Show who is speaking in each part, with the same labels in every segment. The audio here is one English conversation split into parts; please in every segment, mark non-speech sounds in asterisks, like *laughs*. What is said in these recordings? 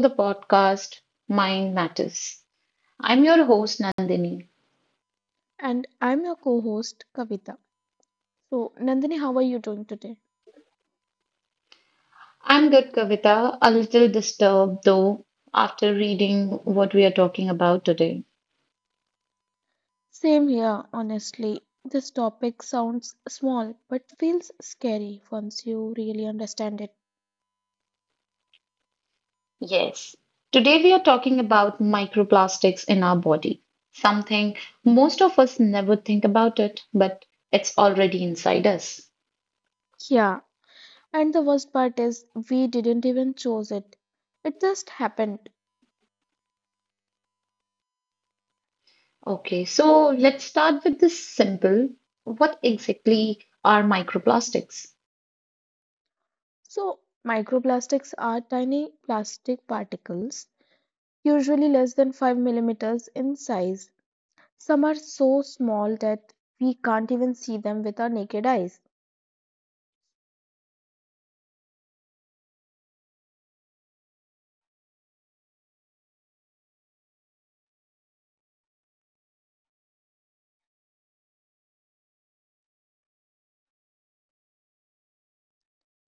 Speaker 1: The podcast Mind Matters. I'm your host Nandini.
Speaker 2: And I'm your co host, Kavita. So, Nandini, how are you doing today?
Speaker 1: I'm good, Kavita, a little disturbed though after reading what we are talking about today.
Speaker 2: Same here, honestly. This topic sounds small but feels scary once you really understand it.
Speaker 1: Yes, today we are talking about microplastics in our body, something most of us never think about it, but it's already inside us.
Speaker 2: Yeah, and the worst part is we didn't even choose it, it just happened.
Speaker 1: Okay, so let's start with this simple. What exactly are microplastics?
Speaker 2: So, microplastics are tiny plastic particles, usually less than 5 millimeters in size. Some are so small that we can't even see them with our naked eyes.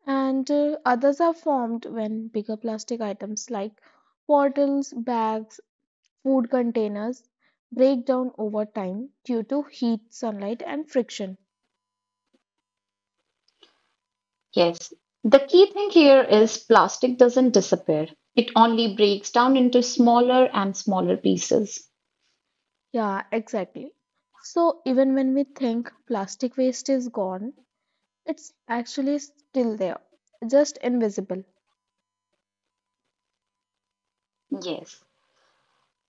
Speaker 2: And others are formed when bigger plastic items like bottles, bags, food containers break down over time due to heat, sunlight, and friction.
Speaker 1: Yes. The key thing here is plastic doesn't disappear. It only breaks down into smaller and smaller pieces.
Speaker 2: Yeah, exactly. So, even when we think plastic waste is gone, it's actually still there, just invisible
Speaker 1: Yes.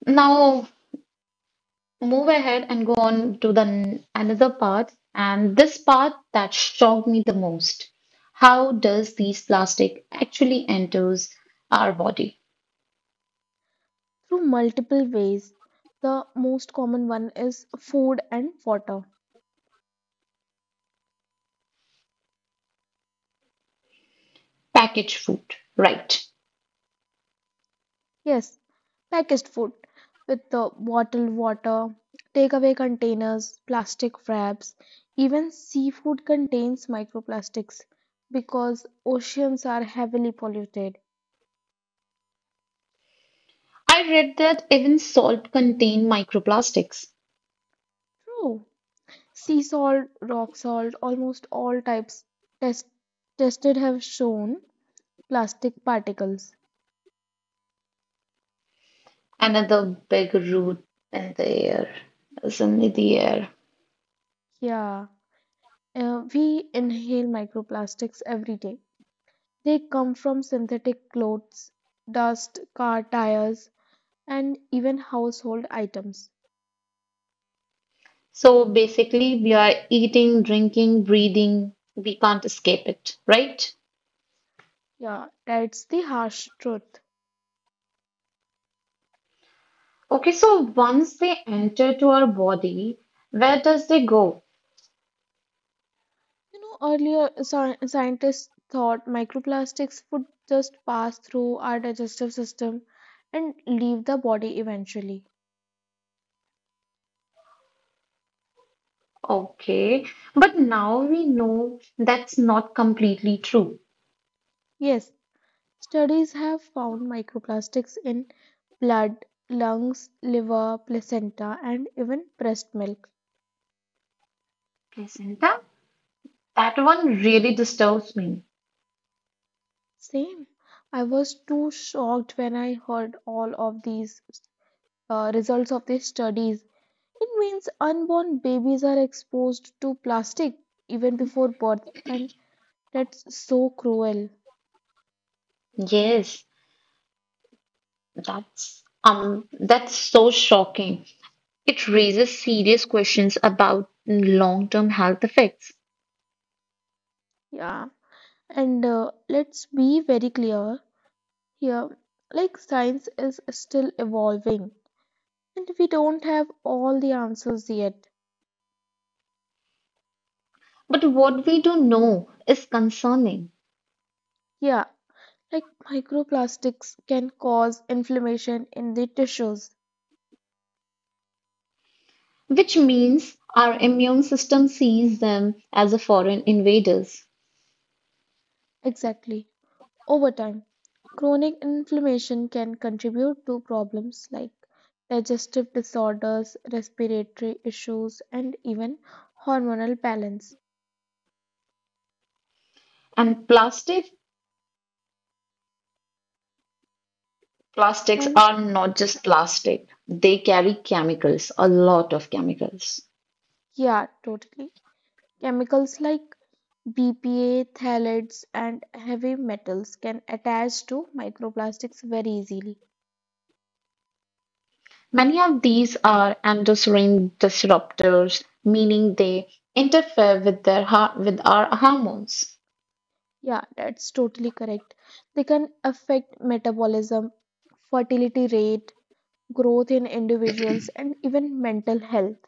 Speaker 1: Now move ahead and go on to another part, and this part that shocked me the most. How does these plastic actually enters our body?
Speaker 2: through multiple ways. The most common one is food and water.
Speaker 1: Packaged food, right?
Speaker 2: Yes, packaged food with the bottled water, takeaway containers, plastic wraps, even seafood contains microplastics because oceans are heavily polluted.
Speaker 1: I read that even salt contain microplastics.
Speaker 2: True. Sea salt, rock salt, almost all types test tested have shown plastic particles.
Speaker 1: Another big root in the air is in the air.
Speaker 2: Yeah, we inhale microplastics every day. They come from synthetic clothes, dust, car tires, and even household items.
Speaker 1: So basically, we are eating, drinking, breathing. We can't escape it, right?
Speaker 2: Yeah, that's the harsh truth.
Speaker 1: Okay, so once they enter to our body, where does they go?
Speaker 2: You know, earlier scientists thought microplastics would just pass through our digestive system and leave the body eventually.
Speaker 1: Okay, but now we know that's not completely true.
Speaker 2: Yes, studies have found microplastics in blood, lungs, liver, placenta, and even breast milk.
Speaker 1: Placenta? That one really disturbs me.
Speaker 2: Same. I was too shocked when I heard all of these results of these studies. It means unborn babies are exposed to plastic even before birth, and that's so cruel.
Speaker 1: Yes, that's so shocking. It raises serious questions about long-term health effects.
Speaker 2: Yeah, and let's be very clear here, like, science is still evolving, and we don't have all the answers yet.
Speaker 1: But what we do know is concerning,
Speaker 2: Yeah, like microplastics can cause inflammation in the tissues.
Speaker 1: which means our immune system sees them as a foreign invaders.
Speaker 2: Exactly. Over time, chronic inflammation can contribute to problems like digestive disorders, respiratory issues, and even hormonal balance.
Speaker 1: And plastics
Speaker 2: And
Speaker 1: are not just plastic, they carry chemicals, a lot of chemicals.
Speaker 2: yeah, totally. Chemicals like BPA, phthalates, and heavy metals can attach to microplastics very easily.
Speaker 1: Many of these are endocrine disruptors, meaning they interfere with our hormones.
Speaker 2: Yeah, that's totally correct. They can affect metabolism, fertility rate, growth in individuals, and even mental health.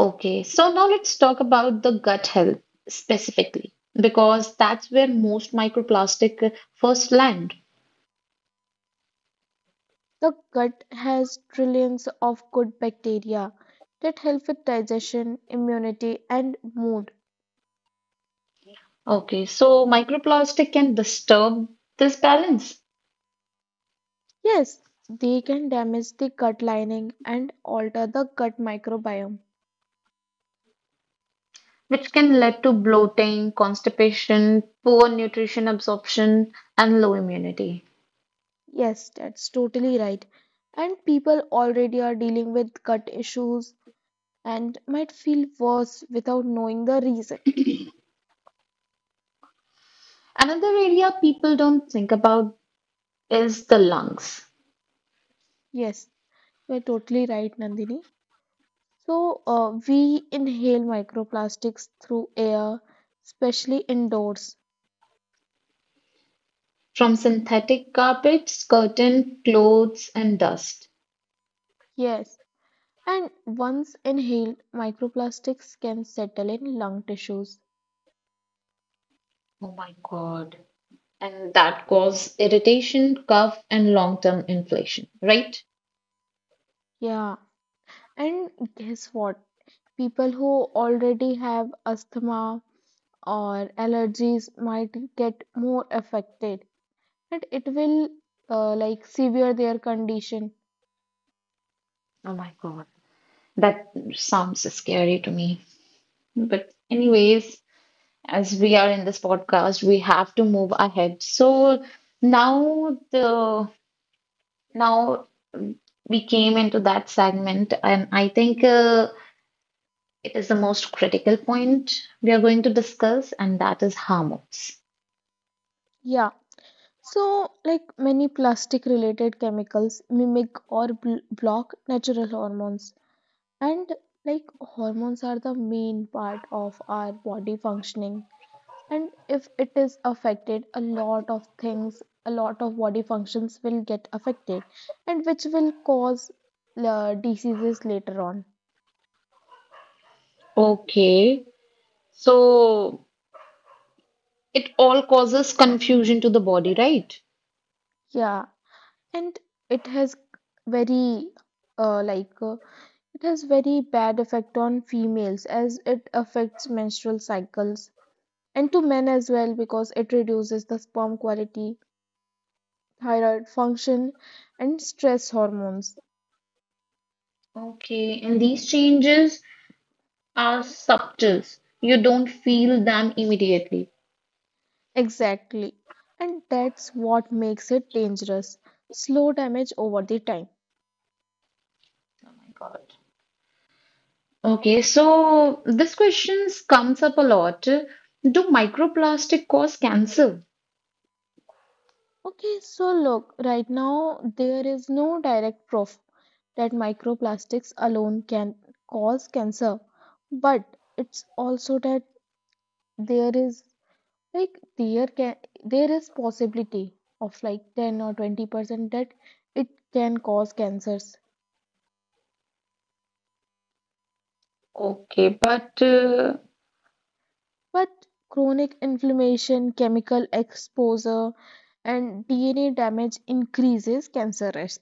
Speaker 1: Okay, so now let's talk about the gut health specifically because that's where most microplastic first land.
Speaker 2: The gut has trillions of good bacteria that help with digestion, immunity, and mood.
Speaker 1: Okay, so microplastic can disturb this balance,
Speaker 2: Yes, they can damage the gut lining and alter the gut microbiome.
Speaker 1: which can lead to bloating, constipation, poor nutrition absorption, and low immunity.
Speaker 2: Yes, that's totally right. And people already are dealing with gut issues and might feel worse without knowing the reason.
Speaker 1: Another area people don't think about is the lungs.
Speaker 2: Yes, you're totally right, Nandini. So, we inhale microplastics through air, especially indoors.
Speaker 1: From synthetic carpets, curtain, clothes, and dust.
Speaker 2: Yes, and once inhaled, microplastics can settle in lung tissues.
Speaker 1: Oh my God. And that cause irritation, cough, and long-term inflammation, right?
Speaker 2: Yeah. And guess what? People who already have asthma or allergies might get more affected, and it will like severe their condition.
Speaker 1: Oh my God. That sounds scary to me. But anyways, as we are in this podcast, we have to move ahead. So now the now we came into that segment, and I think it is the most critical point we are going to discuss, and that is hormones.
Speaker 2: Yeah. So, like many plastic related chemicals mimic or block natural hormones. And like hormones are the main part of our body functioning. And if it is affected, a lot of things, a lot of body functions will get affected, and which will cause diseases later on.
Speaker 1: Okay, so it all causes confusion to the body, right?
Speaker 2: Yeah, and it has very uh, like uh, it has very bad effect on females as it affects menstrual cycles, and to men as well because it reduces the sperm quality, thyroid function, and stress hormones.
Speaker 1: Okay, and these changes are subtle. You don't feel them immediately.
Speaker 2: Exactly. And that's what makes it dangerous. Slow damage over the time.
Speaker 1: Oh my God. Okay, so this question comes up a lot. Do microplastic cause cancer?
Speaker 2: Okay, so look, right now there is no direct proof that microplastics alone can cause cancer, but it's also that there is like there can there is possibility of like 10 or 20% that it can cause cancers.
Speaker 1: Okay, but
Speaker 2: But chronic inflammation, chemical exposure, and DNA damage increases cancer risk.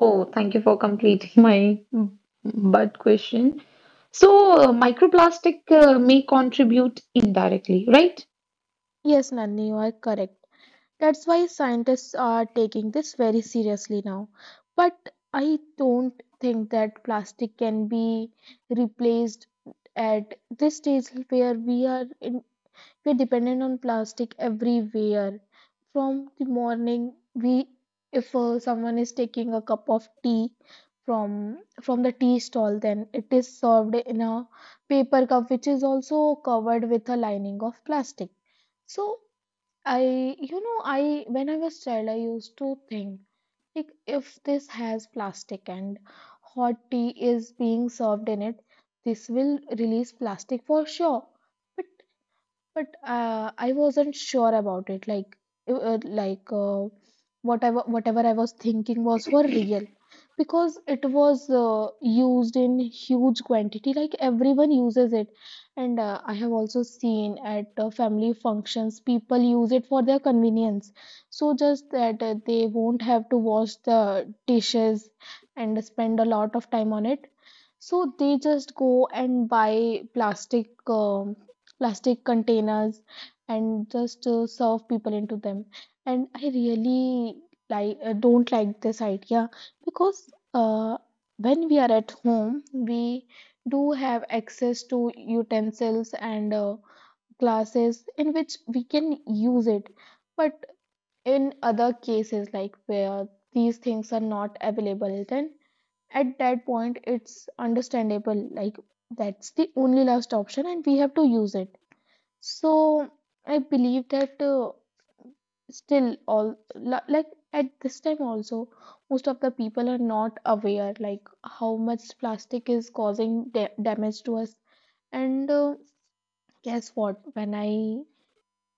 Speaker 1: oh, thank you for completing *laughs* my but question. So, microplastic may contribute indirectly, right?
Speaker 2: Yes, Nandini, you are correct. That's why scientists are taking this very seriously now. But I don't think that plastic can be replaced at this stage where we are in. We're dependent on plastic everywhere. From the morning, we if someone is taking a cup of tea from the tea stall, then it is served in a paper cup, which is also covered with a lining of plastic. So I when I was child, I used to think like if this has plastic and hot tea is being served in it, this will release plastic for sure. But I wasn't sure about it. Like, uh, uh, like uh, whatever I was thinking was for real, because it was used in huge quantity. Like everyone uses it, and I have also seen at family functions people use it for their convenience. So just that they won't have to wash the dishes and spend a lot of time on it. So they just go and buy plastic plastic containers and just serve people into them. And I really like don't like this idea because uh, when we are at home, we do have access to utensils and glasses in which we can use it. But in other cases, like where these things are not available, then at that point it's understandable like that's the only last option and we have to use it. So I believe that still like at this time also most of the people are not aware like how much plastic is causing damage to us. And guess what, when I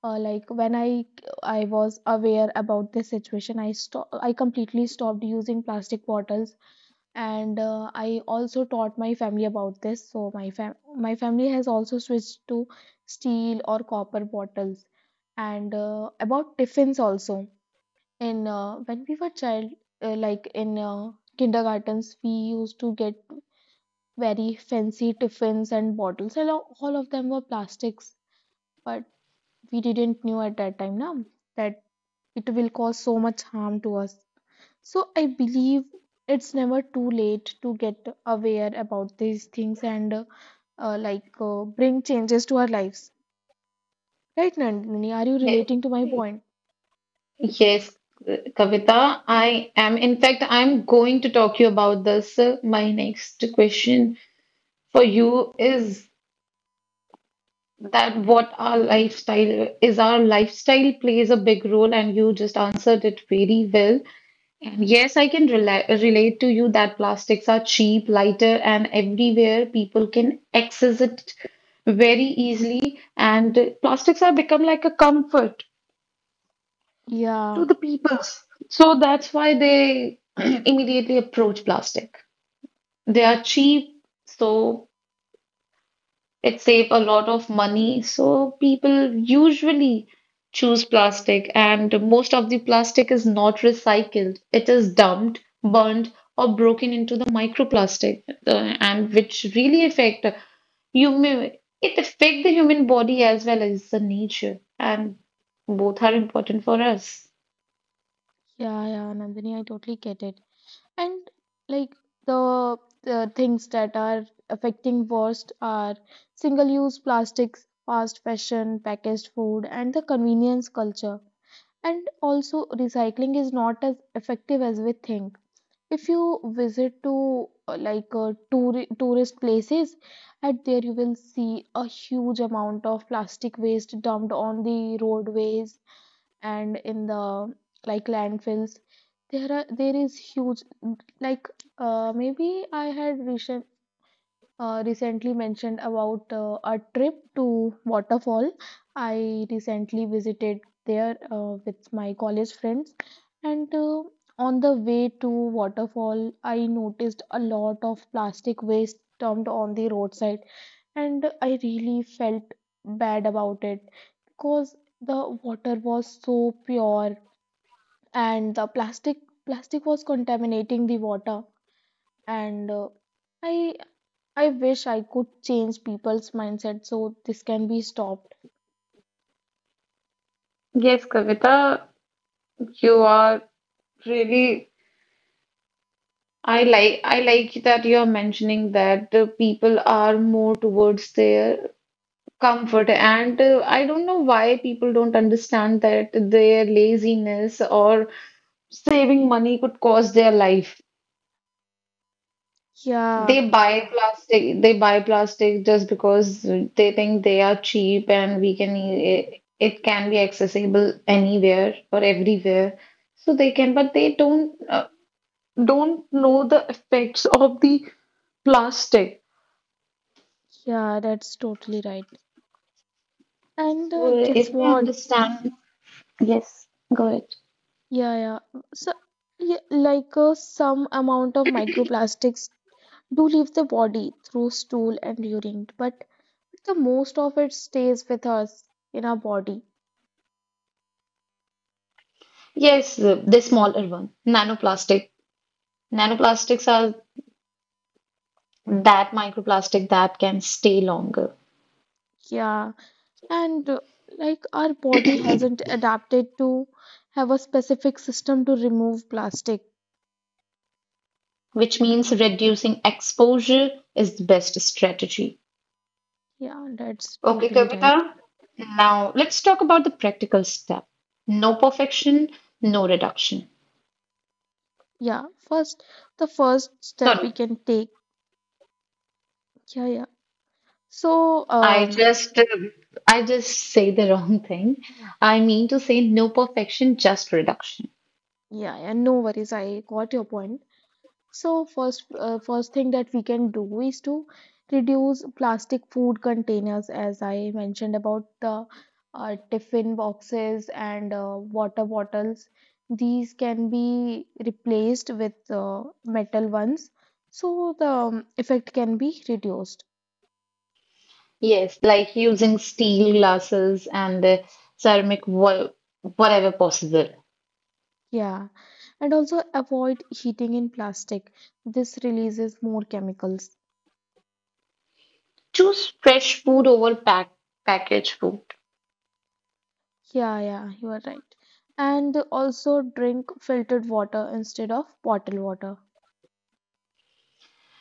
Speaker 2: like when I was aware about this situation, I completely stopped using plastic bottles. And I also taught my family about this, so my family has also switched to steel or copper bottles. And about tiffins also, in when we were child, in kindergartens we used to get very fancy tiffins and bottles, and all of them were plastics, but we didn't knew at that time now that it will cause so much harm to us. So I believe it's never too late to get aware about these things and bring changes to our lives. Right, Nandini? Are you
Speaker 1: Ye-
Speaker 2: relating to my point?
Speaker 1: Yes, Kavita, I am. In fact, I'm going to talk to you about this. My next question for you is that what our lifestyle is our lifestyle plays a big role, and you just answered it very well. And yes, I can relate to you that plastics are cheap, lighter, and everywhere. People can access it very easily, and plastics have become like a comfort to
Speaker 2: Yeah,
Speaker 1: the people, so that's why they *clears throat* immediately approach plastic. They are cheap, so it saves a lot of money. So people usually choose plastic, and most of the plastic is not recycled. It is dumped, burned, or broken into the microplastic, and which really affect human. It affect the human body as well as the nature, and both are important for us.
Speaker 2: yeah, yeah, Nandini, I totally get it. And like the, the things that are affecting worst are single-use plastics, fast fashion, packaged food, and the convenience culture. And also, recycling is not as effective as we think. If you visit to tourist places, at there you will see a huge amount of plastic waste dumped on the roadways and in the like landfills. There are there is huge like maybe I had recent recently mentioned about a trip to waterfall. I recently visited there with my college friends, and on the way to waterfall, I noticed a lot of plastic waste dumped on the roadside, and I really felt bad about it because the water was so pure and the plastic was contaminating the water. And i I wish I could change people's mindset so this can be stopped.
Speaker 1: Yes, Kavita, you are really. I like that you are mentioning that the people are more towards their comfort. And I don't know why people don't understand that their laziness or saving money could cost their life.
Speaker 2: Yeah,
Speaker 1: They buy plastic just because they think they are cheap and it can be accessible anywhere or everywhere. So they can, but they don't know the effects of the plastic.
Speaker 2: yeah, that's totally right. And
Speaker 1: So
Speaker 2: guess
Speaker 1: if they
Speaker 2: what?
Speaker 1: understand, yes, go ahead.
Speaker 2: Yeah, yeah. So, yeah, like some amount of microplastics do leave the body through stool and urine, but the most of it stays with us in our body.
Speaker 1: Yes, the smaller one, nanoplastic. Nanoplastics are that microplastic that can stay longer,
Speaker 2: Yeah, and like our body hasn't adapted to have a specific system to remove plastic.
Speaker 1: which means reducing exposure is the best strategy.
Speaker 2: Yeah, that's
Speaker 1: Okay,
Speaker 2: totally right.
Speaker 1: Kavita. Now let's talk about the practical step. No perfection, no reduction.
Speaker 2: Yeah, first the first step
Speaker 1: Sorry,
Speaker 2: we can take. Yeah, yeah. So,
Speaker 1: I just uh, I just say the wrong thing. I mean to say no perfection, just reduction.
Speaker 2: yeah, yeah, no worries, I got your point. So, first thing that we can do is to reduce plastic food containers, as I mentioned about the tiffin boxes and water bottles. These can be replaced with metal ones, so the effect can be reduced.
Speaker 1: Yes, like using steel glasses and ceramic, whatever possible.
Speaker 2: Yeah, and also avoid heating in plastic. This releases more chemicals.
Speaker 1: Choose fresh food over packaged food.
Speaker 2: Yeah, yeah, you are right. And also drink filtered water instead of bottled water.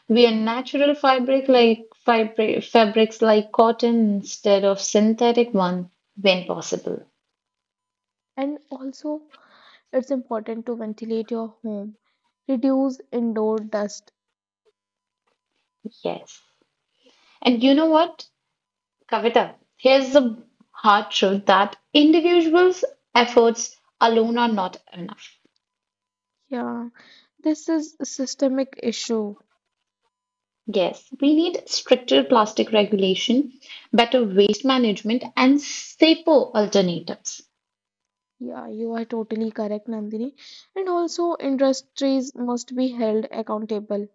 Speaker 1: Wear natural fabrics like cotton instead of synthetic one when possible.
Speaker 2: And also, it's important to ventilate your home, reduce indoor dust.
Speaker 1: Yes. And you know what, Kavita? Here's the hard truth that individuals' efforts alone are not enough.
Speaker 2: Yeah, this is a systemic issue.
Speaker 1: Yes, we need stricter plastic regulation, better waste management, and safer alternatives.
Speaker 2: Yeah, you are totally correct, Nandini. And also, industries must be held accountable.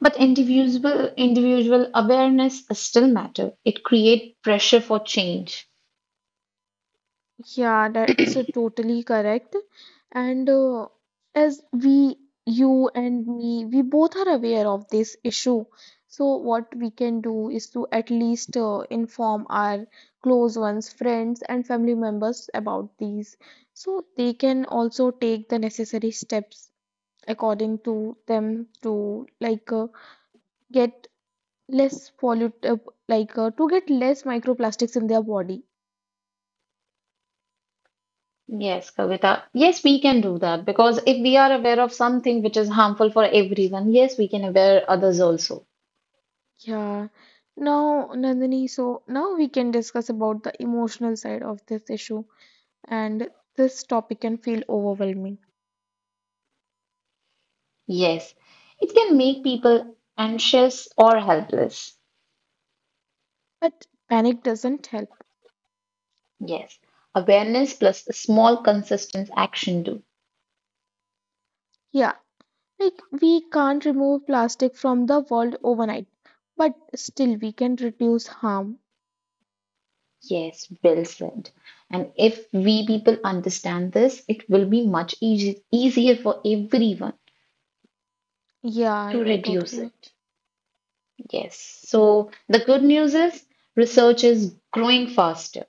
Speaker 1: But individual awareness still matter. It create pressure for change.
Speaker 2: Yeah, that's totally correct. And as we, you and me, we both are aware of this issue. So, what we can do is to at least inform our close ones, friends, and family members about these. So, they can also take the necessary steps according to them to like get less pollut like to get less microplastics in their body.
Speaker 1: Yes, Kavita. Yes, we can do that because if we are aware of something which is harmful for everyone, yes, we can aware others also.
Speaker 2: Yeah. Now, Nandini, so now we can discuss about the emotional side of this issue, and this topic can feel overwhelming.
Speaker 1: Yes, it can make people anxious or helpless.
Speaker 2: But panic doesn't help.
Speaker 1: Yes, awareness plus a small consistent action do.
Speaker 2: Yeah, like we can't remove plastic from the world overnight, but still we can reduce harm.
Speaker 1: Yes, well said. And if we people understand this, it will be much easier for everyone
Speaker 2: Yeah,
Speaker 1: to
Speaker 2: you are
Speaker 1: reduce
Speaker 2: totally right.
Speaker 1: it. Yes. So the good news is research is growing faster.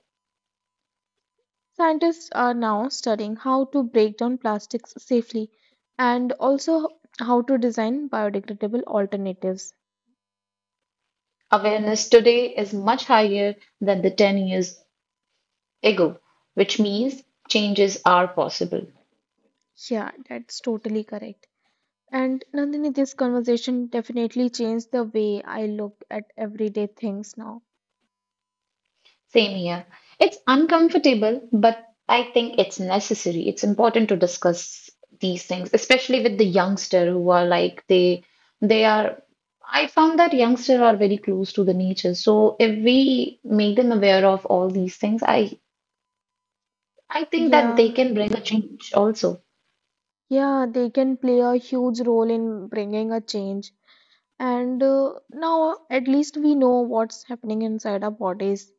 Speaker 2: Scientists are now studying how to break down plastics safely and also how to design biodegradable alternatives.
Speaker 1: Awareness today is much higher than the 10 years ago, which means changes are possible.
Speaker 2: Yeah, that's totally correct. And Nandini, this conversation definitely changed the way I look at everyday things now.
Speaker 1: Same here. It's uncomfortable, but I think it's necessary. It's important to discuss these things, especially with the youngster who are like they are I found that youngsters are very close to the nature. So if we make them aware of all these things, I think that they
Speaker 2: Yeah,
Speaker 1: can bring a change also.
Speaker 2: yeah, they can play a huge role in bringing a change. And now at least we know what's happening inside our bodies.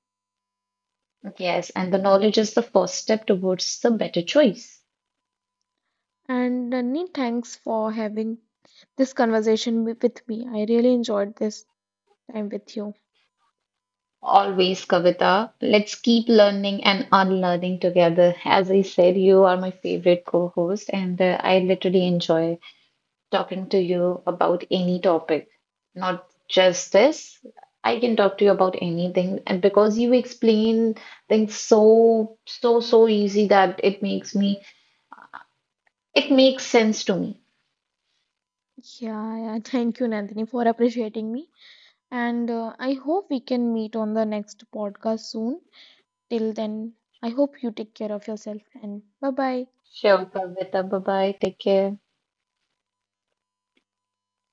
Speaker 1: Yes, and the knowledge is the first step towards the better choice.
Speaker 2: And Nandini, thanks for having this conversation with me. I really enjoyed this time with you.
Speaker 1: Always, Kavita, let's keep learning and unlearning together. As I said, you are my favorite co-host, and I literally enjoy talking to you about any topic, not just this. I can talk to you about anything, and because you explain things so, so, so easy that it makes sense to me.
Speaker 2: Yeah, yeah, *laughs* thank you, Nandini, for appreciating me. And I hope we can meet on the next podcast soon. Till then, I hope you take care of yourself and bye bye.
Speaker 1: Sure, Kavita. Bye bye. Take care.